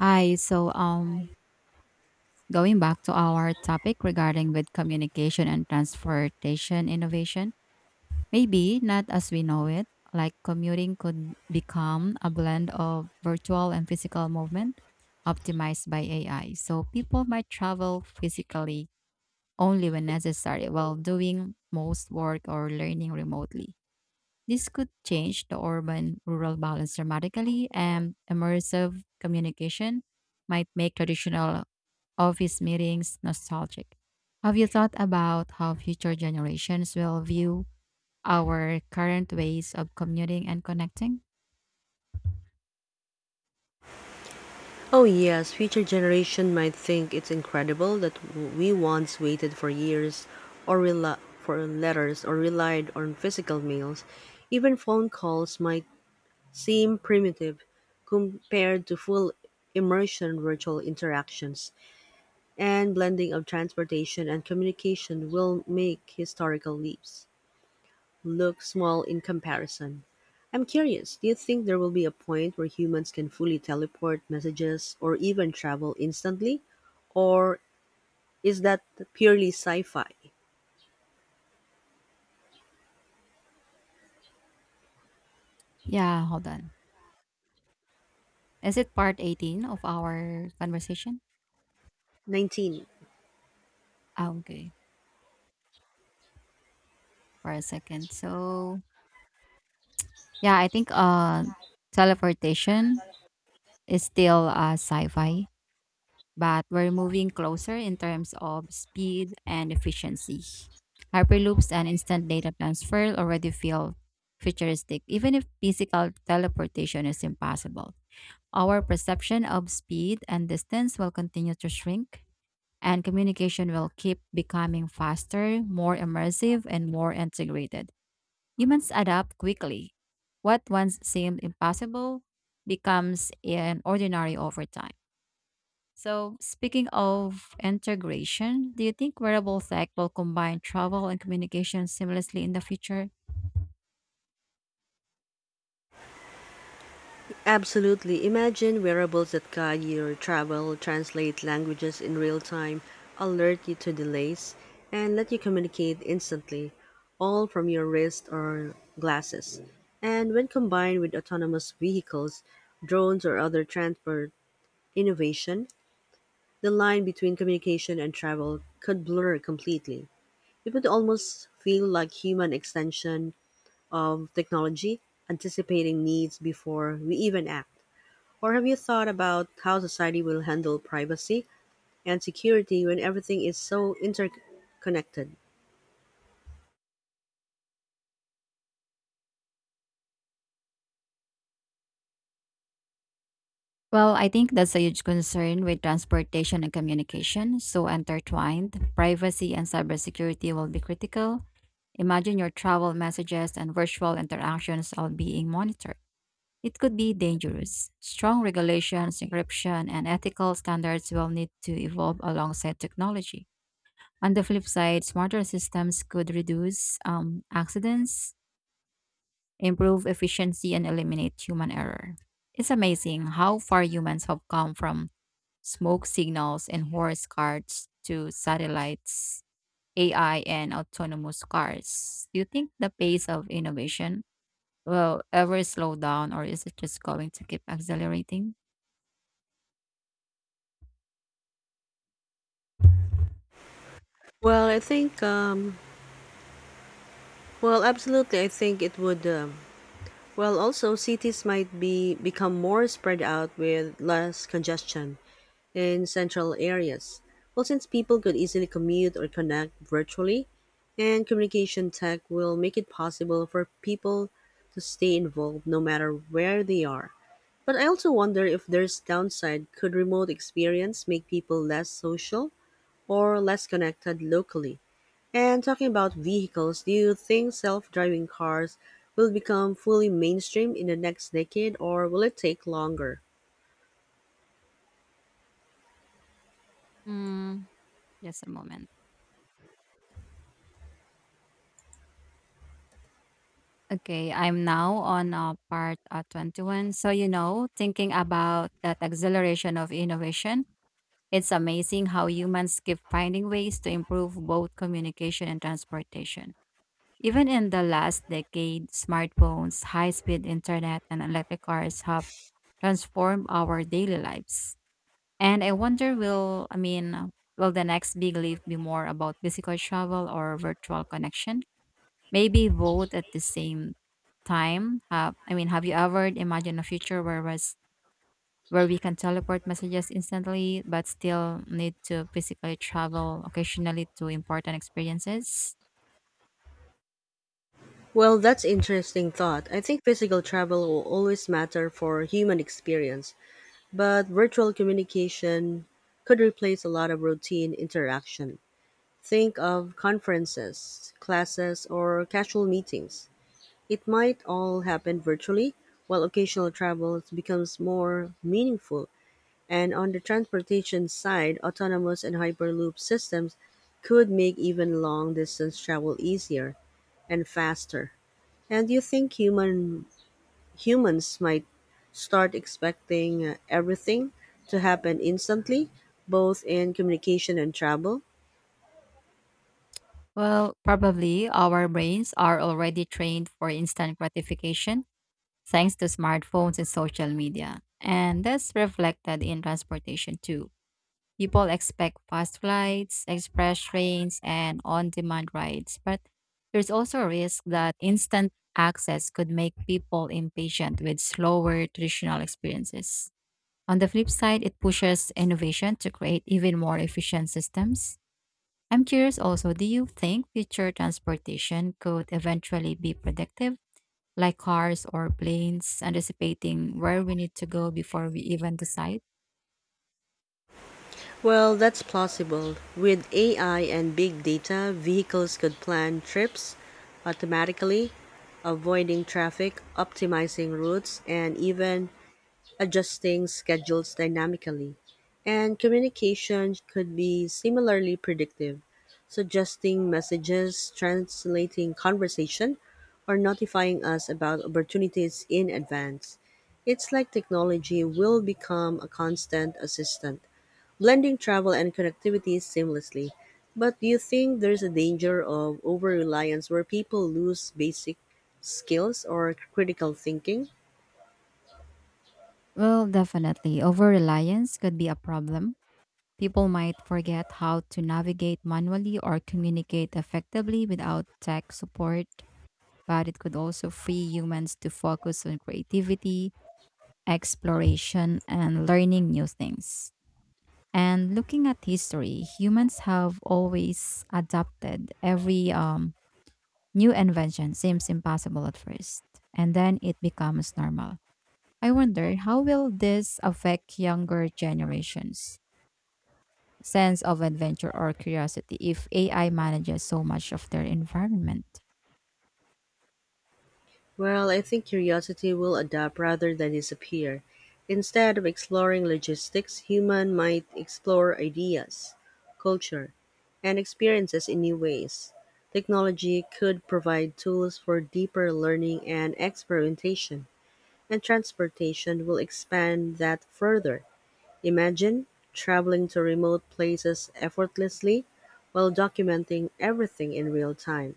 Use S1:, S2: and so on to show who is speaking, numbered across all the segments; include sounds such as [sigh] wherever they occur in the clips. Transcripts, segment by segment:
S1: Hi. Going back to our topic regarding with communication and transportation innovation, maybe not as we know it, like commuting could become a blend of virtual and physical movement optimized by AI. So, people might travel physically only when necessary while doing most work or learning remotely. This could change the urban rural balance dramatically, and immersive communication might make traditional office meetings nostalgic. Have you thought about how future generations will view our current ways of commuting and connecting?
S2: Oh, yes, future generation might think it's incredible that we once waited for years or rela- for letters or relied on physical mails. Even phone calls might seem primitive compared to full immersion virtual interactions, and blending of transportation and communication will make historical leaps look small in comparison. I'm curious, do you think there will be a point where humans can fully teleport messages or even travel instantly? Or is that purely sci fi?
S1: Yeah, hold on. Is it part 18 of our conversation?
S2: 19.
S1: Ah, okay, for a second. So, yeah, I think teleportation is still sci fi but we're moving closer in terms of speed and efficiency. Hyperloops and instant data transfer already feel futuristic, even if physical teleportation is impossible. Our perception of speed and distance will continue to shrink, and communication will keep becoming faster, more immersive, and more integrated. Humans adapt quickly. What once seemed impossible becomes an ordinary over time. So, speaking of integration, do you think wearable tech will combine travel and communication seamlessly in the future?
S2: Absolutely. Imagine wearables that guide your travel, translate languages in real time, alert you to delays, and let you communicate instantly, all from your wrist or glasses. And when combined with autonomous vehicles, drones, or other transport innovation, the line between communication and travel could blur completely. It would almost feel like human extension of technology, anticipating needs before we even act. Or have you thought about how society will handle privacy and security when everything is so interconnected?
S1: Well, I think that's a huge concern with transportation and communication, so intertwined. Privacy and cybersecurity will be critical. Imagine your travel messages and virtual interactions all being monitored. It could be dangerous. Strong regulations, encryption, and ethical standards will need to evolve alongside technology. On the flip side, smarter systems could reduce accidents, improve efficiency, and eliminate human error. It's amazing how far humans have come from smoke signals and horse carts to satellites, AI, and autonomous cars. Do you think the pace of innovation will ever slow down, or is it just going to keep accelerating?
S2: Well, I think, well, absolutely, I think it would. Well, also cities might be become more spread out with less congestion in central areas. Well, since people could easily commute or connect virtually, and communication tech will make it possible for people to stay involved no matter where they are. But I also wonder if there's downside. Could remote experience make people less social or less connected locally? And talking about vehicles, do you think self driving cars will become fully mainstream in the next decade or will it take longer?
S1: Mm, just a moment. Okay, I'm now on part 21. So, thinking about that acceleration of innovation, it's amazing how humans keep finding ways to improve both communication and transportation. Even in the last decade, smartphones, high speed internet, and electric cars have transformed our daily lives. And I mean, will the next big leap be more about physical travel or virtual connection? Maybe both at the same time. Have you ever imagined a future where we can teleport messages instantly, but still need to physically travel occasionally to important experiences?
S2: Well, that's interesting thought. I think physical travel will always matter for human experience, but virtual communication could replace a lot of routine interaction. Think of conferences, classes, or casual meetings. It might all happen virtually, while occasional travel becomes more meaningful, and on the transportation side, autonomous and hyperloop systems could make even long distance travel easier and faster. And do you think humans might start expecting everything to happen instantly, both in communication and travel?
S1: Well, probably our brains are already trained for instant gratification thanks to smartphones and social media, and that's reflected in transportation too. People expect fast flights, express trains, and on demand rides, but there's also a risk that instant access could make people impatient with slower traditional experiences. On the flip side, it pushes innovation to create even more efficient systems. I'm curious also, do you think future transportation could eventually be predictive, like cars or planes, anticipating where we need to go before we even decide?
S2: Well, that's plausible. With AI and big data, vehicles could plan trips automatically, avoiding traffic, optimizing routes, and even adjusting schedules dynamically. And communication could be similarly predictive, suggesting messages, translating conversation, or notifying us about opportunities in advance. It's like technology will become a constant assistant blending travel and connectivity seamlessly. But do you think there's a danger of over reliance where people lose basic skills or critical thinking?
S1: Well, definitely. Over reliance could be a problem. People might forget how to navigate manually or communicate effectively without tech support, but it could also free humans to focus on creativity, exploration, and learning new things. And looking at history, humans have always adapted every new invention seems impossible at first, and then it becomes normal. I wonder how will this affect younger generations' sense of adventure or curiosity if AI manages so much of their environment?
S2: Well, I think curiosity will adapt rather than disappear. Instead of exploring logistics, human might explore ideas, culture, and experiences in new ways. Technology could provide tools for deeper learning and experimentation, and transportation will expand that further. Imagine traveling to remote places effortlessly while documenting everything in real time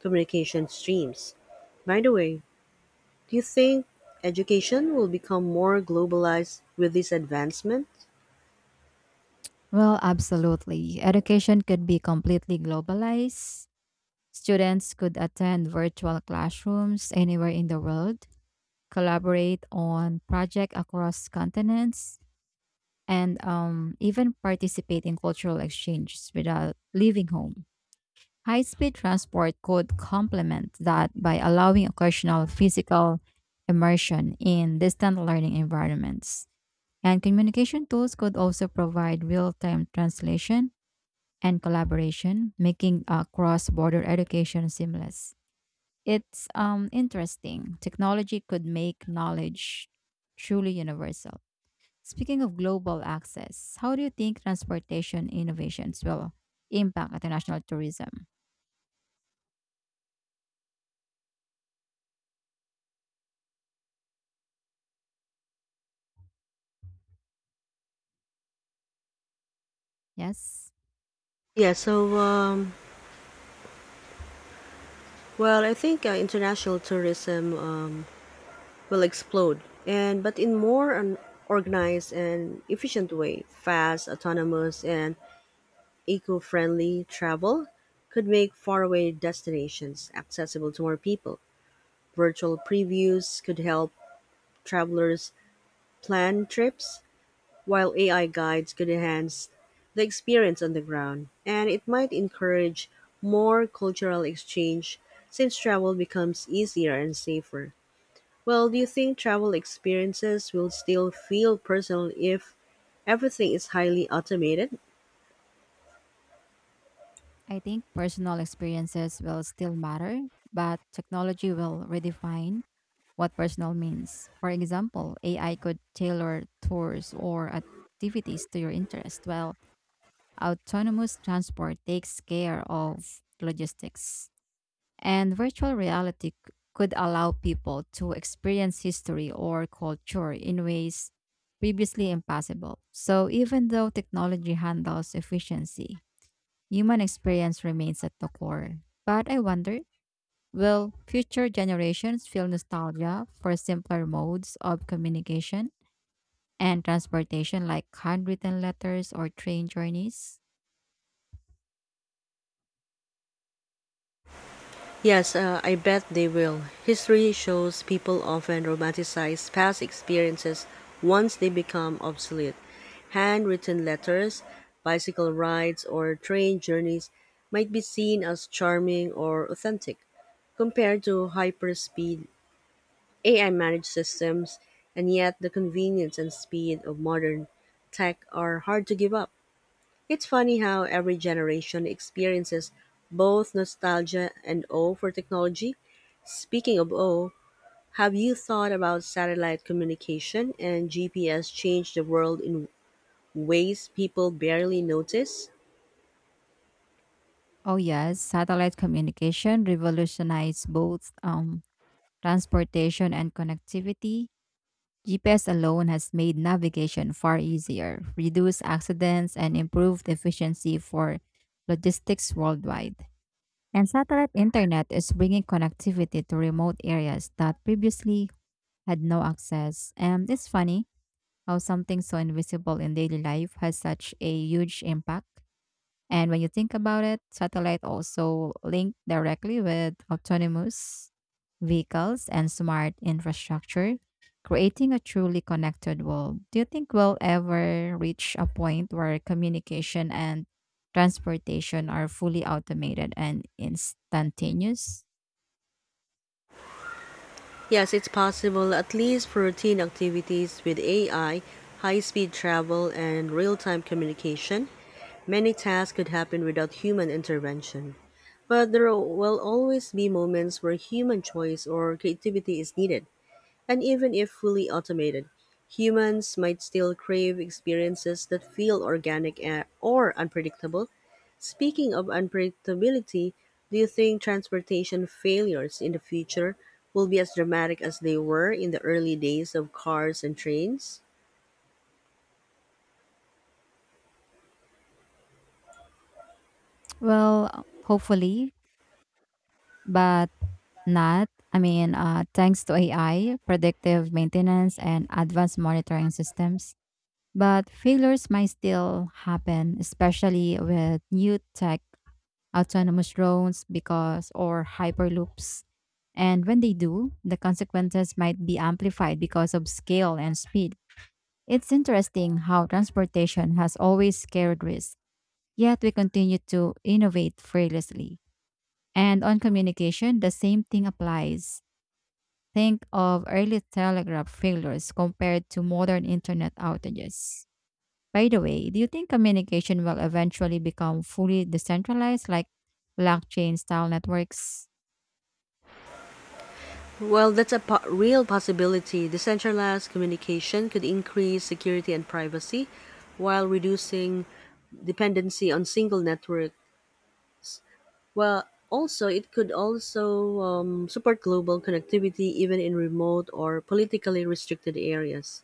S2: communication streams. By the way, do you think education will become more globalized with this advancement?
S1: Well, absolutely. Education could be completely globalized. Students could attend virtual classrooms anywhere in the world, collaborate on projects across continents, and even participate in cultural exchanges without leaving home. High speed transport could complement that by allowing occasional physical immersion in distant learning environments. And communication tools could also provide real time translation and collaboration, making cross border education seamless. It's interesting. Technology could make knowledge truly universal. Speaking of global access, how do you think transportation innovations will impact international tourism? Yes,
S2: Yeah, so, well, I think international tourism will explode, and but in more an organized and efficient way, fast, autonomous, and Eco-friendly travel could make faraway destinations accessible to more people. Virtual previews could help travelers plan trips, while AI guides could enhance the experience on the ground. And it might encourage more cultural exchange since travel becomes easier and safer. Well, do you think travel experiences will still feel personal if everything is highly automated?
S1: I think personal experiences will still matter, but technology will redefine what personal means. For example, AI could tailor tours or activities to your interest, while autonomous transport takes care of logistics. And virtual reality could allow people to experience history or culture in ways previously impossible. So, even though technology handles efficiency, human experience remains at the core. But I wonder will future generations feel nostalgia for simpler modes of communication and transportation like handwritten letters or train journeys?
S2: Yes, I bet they will. History shows people often romanticize past experiences once they become obsolete. Handwritten letters, bicycle rides, or train journeys might be seen as charming or authentic compared to hyperspeed AI managed systems, and yet the convenience and speed of modern tech are hard to give up. It's funny how every generation experiences both nostalgia and awe for technology. Speaking of awe, have you thought about satellite communication and GPS changed the world in ways people barely notice?
S1: Oh, yes, satellite communication revolutionized both transportation, and connectivity. GPS alone has made navigation far easier, reduced accidents, and improved efficiency for logistics worldwide. And satellite internet is bringing connectivity to remote areas that previously had no access. And it's funny how something so invisible in daily life has such a huge impact. And when you think about it, satellite also link directly with autonomous vehicles and smart infrastructure, creating a truly connected world. Do you think we'll ever reach a point where communication and transportation are fully automated and instantaneous?
S2: Yes, it's possible at least for routine activities with AI, high speed travel, and real time communication. Many tasks could happen without human intervention. But there will always be moments where human choice or creativity is needed. And even if fully automated, humans might still crave experiences that feel organic or unpredictable. Speaking of unpredictability, do you think transportation failures in the future will be as dramatic as they were in the early days of cars and trains?
S1: Well, hopefully, but not. I mean, thanks to AI, predictive maintenance, and advanced monitoring systems, but failures might still happen, especially with new tech, autonomous drones, because or hyperloops. And when they do, the consequences might be amplified because of scale and speed. It's interesting how transportation has always carried risk, yet we continue to innovate fearlessly. And on communication, the same thing applies. Think of early telegraph failures compared to modern internet outages. By the way, do you think communication will eventually become fully decentralized like blockchain style networks?
S2: Well, that's a real possibility. Decentralized communication could increase security and privacy while reducing dependency on single network. Well, also it could also support global connectivity even in remote or politically restricted areas.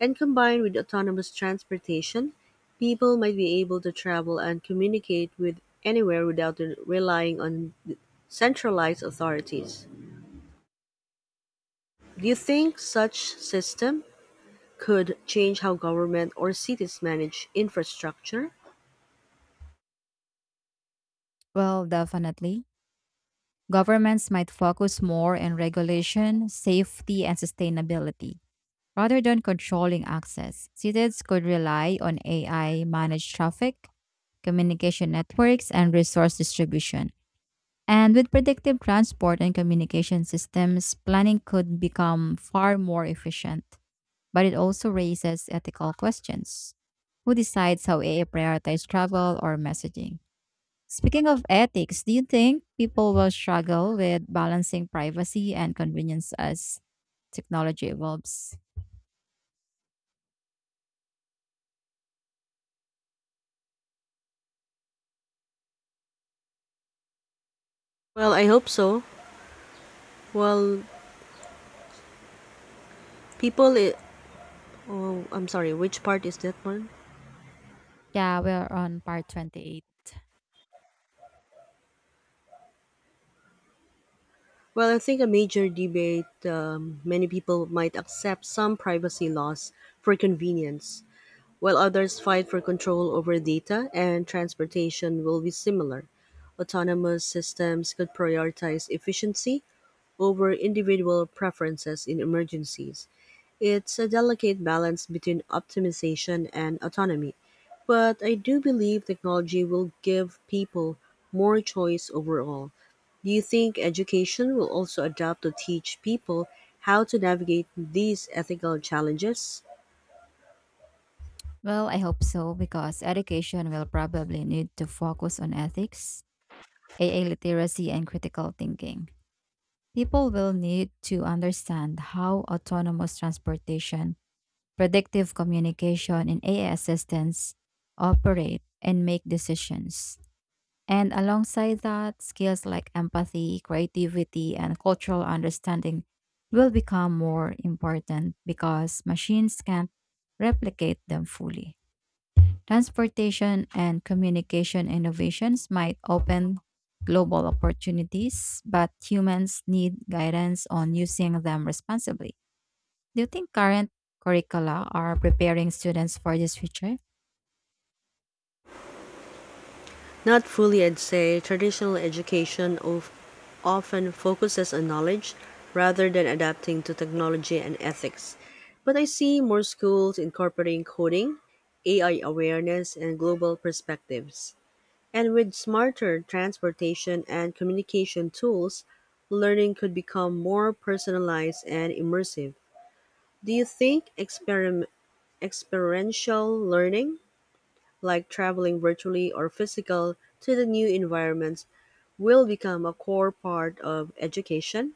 S2: And combined with autonomous transportation, people might be able to travel and communicate with anywhere without relying on centralized authorities. Do you think such system could change how government or cities manage infrastructure?
S1: Well, definitely. Governments might focus more on regulation, safety, and sustainability rather than controlling access. Cities could rely on AI managed traffic, communication networks, and resource distribution. And with predictive transport and communication systems, planning could become far more efficient, but it also raises ethical questions. Who decides how AI prioritizes travel or messaging? Speaking of ethics, do you think people will struggle with balancing privacy and convenience as technology evolves?
S2: Well, I hope so. Well, people, i- oh, I'm sorry, which part is that one?
S1: Yeah, we're on part 28.
S2: Well, I think a major debate many people might accept some privacy laws for convenience, while others fight for control over data and transportation will be similar. Autonomous systems could prioritize efficiency over individual preferences in emergencies. It's a delicate balance between optimization and autonomy, but I do believe technology will give people more choice overall. Do you think education will also adapt to teach people how to navigate these ethical challenges?
S1: Well, I hope so because education will probably need to focus on ethics, AI literacy, and critical thinking. People will need to understand how autonomous transportation predictive communication, and AI assistants operate and make decisions. And alongside that, skills like empathy, creativity, and cultural understanding will become more important because machines can't replicate them fully. Transportation and communication innovations might open global opportunities, but humans need guidance on using them responsibly. Do you think current curricula are preparing students for this future?
S2: Not fully, I'd say traditional education of, often focuses on knowledge rather than adapting to technology and ethics. But I see more schools incorporating coding, AI awareness, and global perspectives. And with smarter transportation and communication tools, learning could become more personalized and immersive. Do you think experiential learning, like traveling virtually or physical to the new environments, will become a core part of education?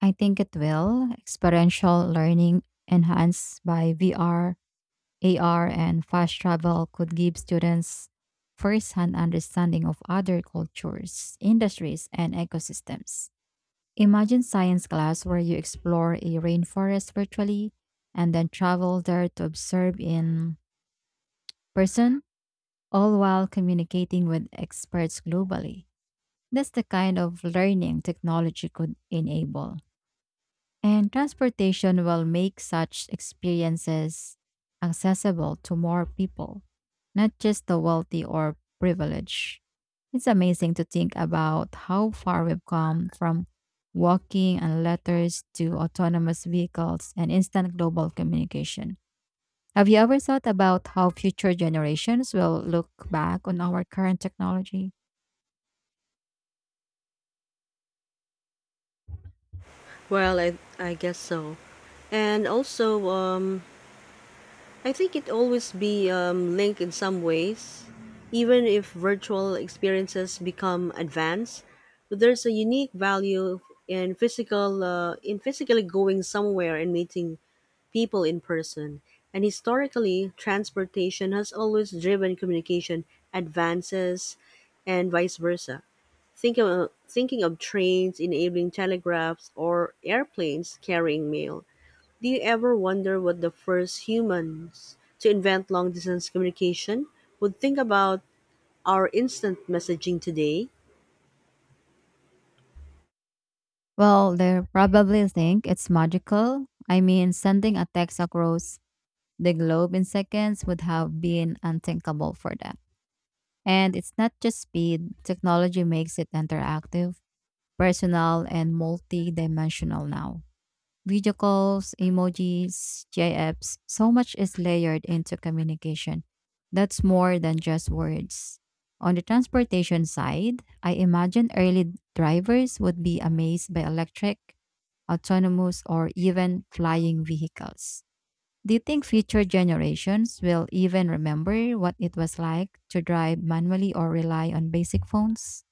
S1: I think it will. Experiential learning enhanced by VR, AR, and fast travel could give students first-hand understanding of other cultures, industries, and ecosystems. Imagine science class where you explore a rainforest virtually and then travel there to observe in person, all while communicating with experts globally. That's the kind of learning technology could enable. And transportation will make such experiences accessible to more people, not just the wealthy or privileged. It's amazing to think about how far we've come from walking and letters to autonomous vehicles and instant global communication. Have you ever thought about how future generations will look back on our current technology?
S2: Well, I guess so. And also, I think it always be linked in some ways. Even if virtual experiences become advanced, there's a unique value in physically going somewhere and meeting people in person, and historically, transportation has always driven communication advances and vice versa. Thinking of trains enabling telegraphs or airplanes carrying mail. Do you ever wonder what the first humans to invent long distance communication would think about our instant messaging today?
S1: Well, they probably think it's magical. I mean, sending a text across the globe in seconds would have been unthinkable for them. And it's not just speed, technology makes it interactive, personal, and multi dimensional now. Video calls, emojis, GIFs, so much is layered into communication. That's more than just words. On the transportation side, I imagine early drivers would be amazed by electric, autonomous, or even flying vehicles. Do you think future generations will even remember what it was like to drive manually or rely on basic phones?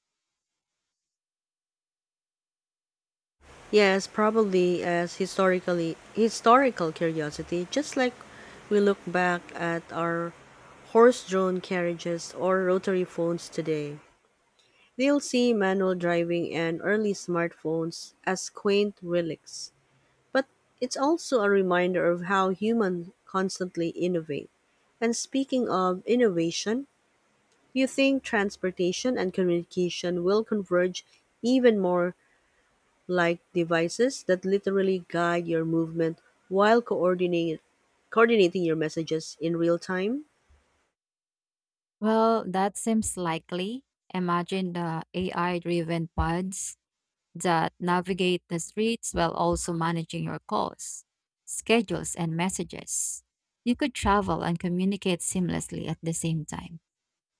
S2: Yes, probably as historical curiosity, just like we look back at our horse-drawn carriages or rotary phones today. They'll see manual driving and early smartphones as quaint relics. But it's also a reminder of how humans constantly innovate. And speaking of innovation, you think transportation and communication will converge even more like devices that literally guide your movement while coordinating your messages in real time?
S1: Well, that seems likely. Imagine the AI driven pods that navigate the streets while also managing your calls, schedules, and messages. You could travel and communicate seamlessly at the same time.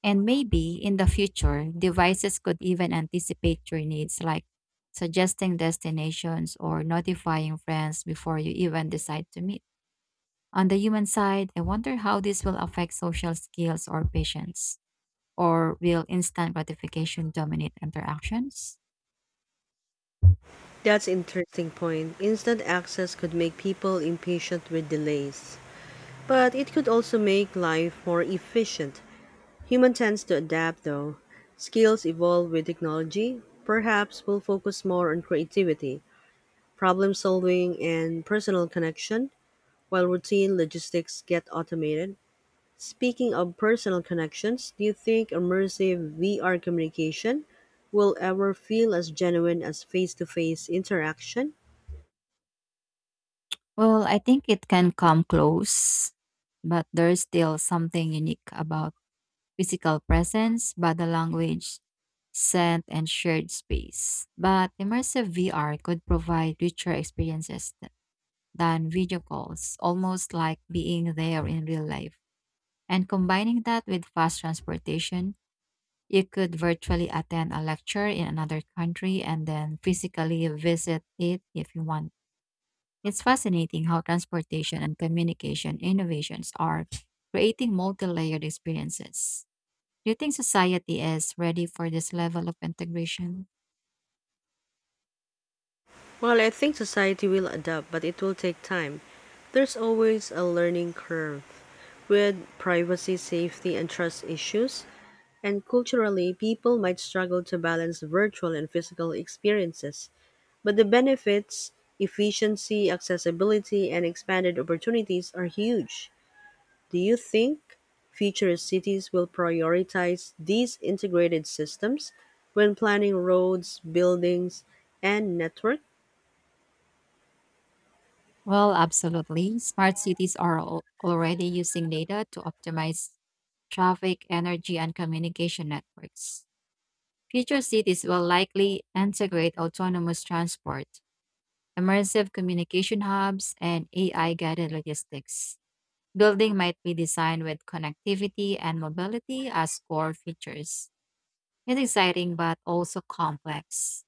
S1: And maybe in the future, devices could even anticipate your needs, like suggesting destinations or notifying friends before you even decide to meet. On the human side, I wonder how this will affect social skills or patience, or will instant gratification dominate interactions?
S2: That's interesting point. Instant access could make people impatient with delays, but it could also make life more efficient. Human tends to adapt though. Skills evolve with technology. Perhaps we'll focus more on creativity, problem solving and personal connection while routine logistics get automated. Speaking of personal connections, do you think immersive VR communication will ever feel as genuine as face to face interaction?
S1: Well, I think it can come close, but there's still something unique about physical presence, body language, scent, and shared space. But immersive VR could provide richer experiences than video calls, almost like being there in real life. And combining that with fast transportation, you could virtually attend a lecture in another country and then physically visit it if you want. It's fascinating how transportation and communication innovations are creating multi layered experiences. Do you think society is ready for this level of integration?
S2: Well, I think society will adapt, but it will take time. There's always a learning curve with privacy, safety, and trust issues, and culturally, people might struggle to balance virtual and physical experiences. But the benefits, efficiency, accessibility, and expanded opportunities are huge. Do you think future cities will prioritize these integrated systems when planning roads, buildings, and network?
S1: Well, absolutely. Smart cities are already using data to optimize traffic, energy, and communication networks. Future cities will likely integrate autonomous transport, immersive communication hubs, and AI guided logistics. Building might be designed with connectivity and mobility as core features. It's exciting but also complex.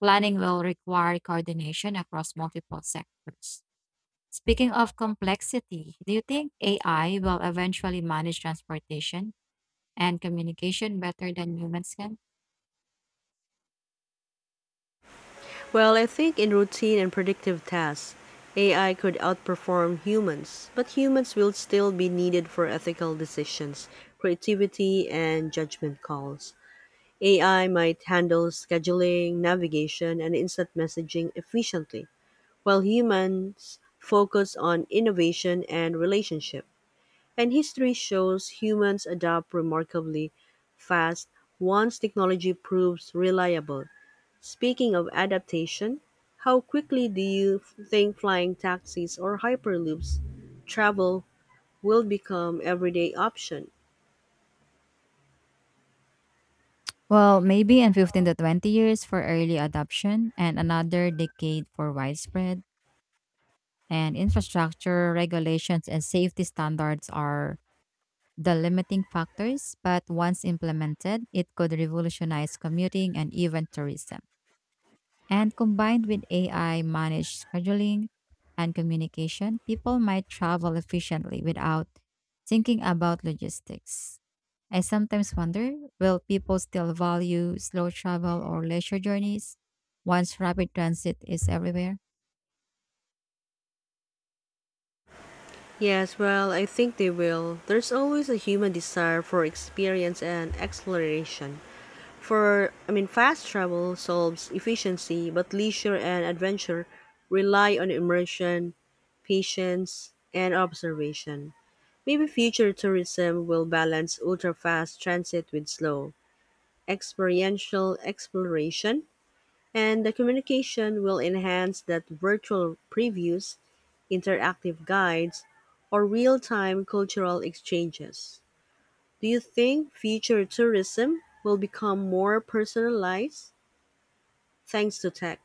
S1: Planning will require coordination across multiple sectors. Speaking of complexity, do you think AI will eventually manage transportation and communication better than humans can?
S2: Well, I think in routine and predictive tasks, AI could outperform humans, but humans will still be needed for ethical decisions, creativity, and judgment calls. AI might handle scheduling, navigation, and instant messaging efficiently, while humans focus on innovation and relationship. And history shows humans adapt remarkably fast once technology proves reliable. Speaking of adaptation, how quickly do you think flying taxis or hyperloops travel will become everyday option?
S1: Well, maybe in 15 to 20 years for early adoption and another decade for widespread. And infrastructure regulations and safety standards are the limiting factors, but once implemented, it could revolutionize commuting and even tourism. And combined with AI managed scheduling and communication, people might travel efficiently without thinking about logistics. I sometimes wonder will people still value slow travel or leisure journeys once rapid transit is everywhere?
S2: Yes, well, I think they will. There's always a human desire for experience and exploration. I mean, fast travel solves efficiency, but leisure and adventure rely on immersion, patience, and observation. Maybe future tourism will balance ultra fast transit with slow, experiential exploration, and the communication will enhance that virtual previews interactive guides, or real-time cultural exchanges. Do you think future tourism will become more personalized thanks to tech?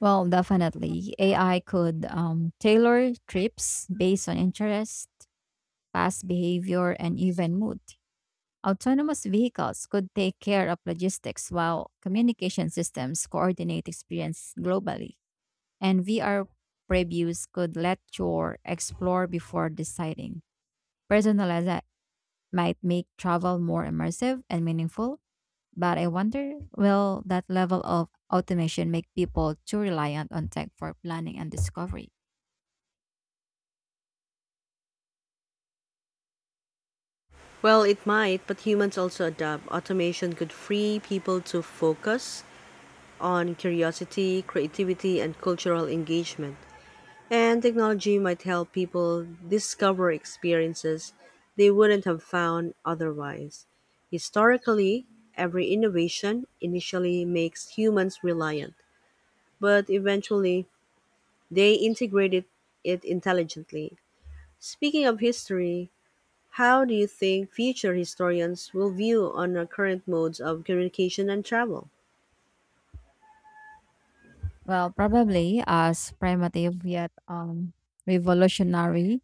S1: Well, definitely. AI could tailor trips based on interest past behavior, and even mood. Autonomous vehicles could take care of logistics while communication systems coordinate experience globally. And VR previews could let you explore before deciding. Personalize might make travel more immersive and meaningful, but I wonder will that level of automation make people too reliant on tech for planning and discovery?
S2: Well, it might, but humans also adapt. Automation could free people to focus on curiosity, creativity, and cultural engagement. And technology might help people discover experiences they wouldn't have found otherwise. Historically, every innovation initially makes humans reliant, but eventually they integrated it intelligently. Speaking of history, how do you think future historians will view on our current modes of communication and travel?
S1: Well, probably as primitive yet revolutionary.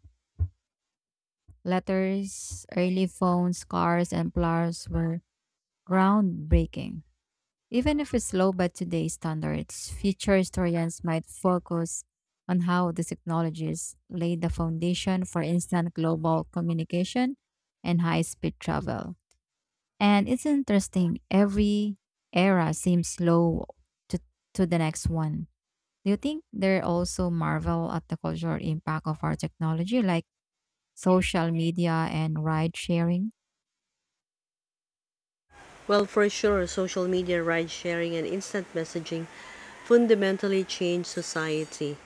S1: Letters, early phones, cars, and flowers were groundbreaking. Even if it's slow by today's standards, future historians might focus on how these technologies laid the foundation for instant global communication and high speed travel. And it's interesting, every era seems slow to, to the next one. Do you think they also marvel at the cultural impact of our technology, like social media and ride sharing?
S2: Well, for sure, social media, ride sharing, and instant messaging fundamentally changed society.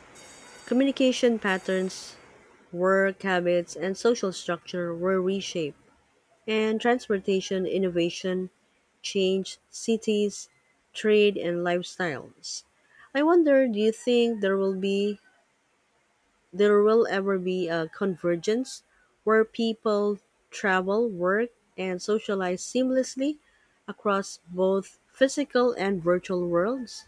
S2: Communication patterns, work habits, and social structure were reshaped, and transportation innovation changed cities, trade, and lifestyles. I wonder, do you think there will ever be a convergence where people travel, work, and socialize seamlessly across both physical and virtual worlds?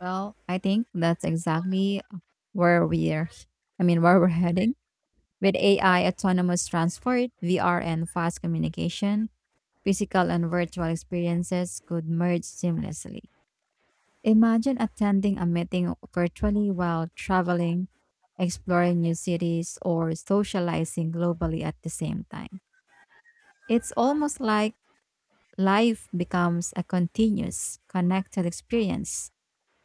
S1: Well, I think that's exactly where we're, where we're heading. With AI, autonomous transport, VR, and fast communication, physical and virtual experiences could merge seamlessly. Imagine attending a meeting virtually while traveling, exploring new cities, or socializing globally at the same time. It's almost like life becomes a continuous, connected experience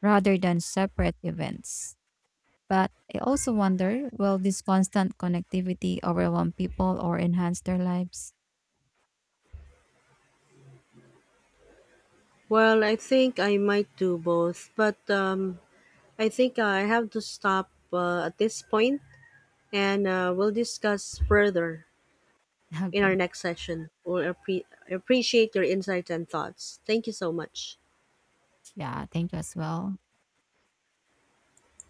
S1: rather than separate events. But I also wonder will this constant connectivity overwhelm people or enhance their lives?
S2: Well, I think I might do both, but I think I have to stop at this point and we'll discuss further
S1: [laughs]
S2: in our
S1: Okay.
S2: next session. Appreciate your insights and thoughts. Thank you so much.
S1: Yeah, thank you as well.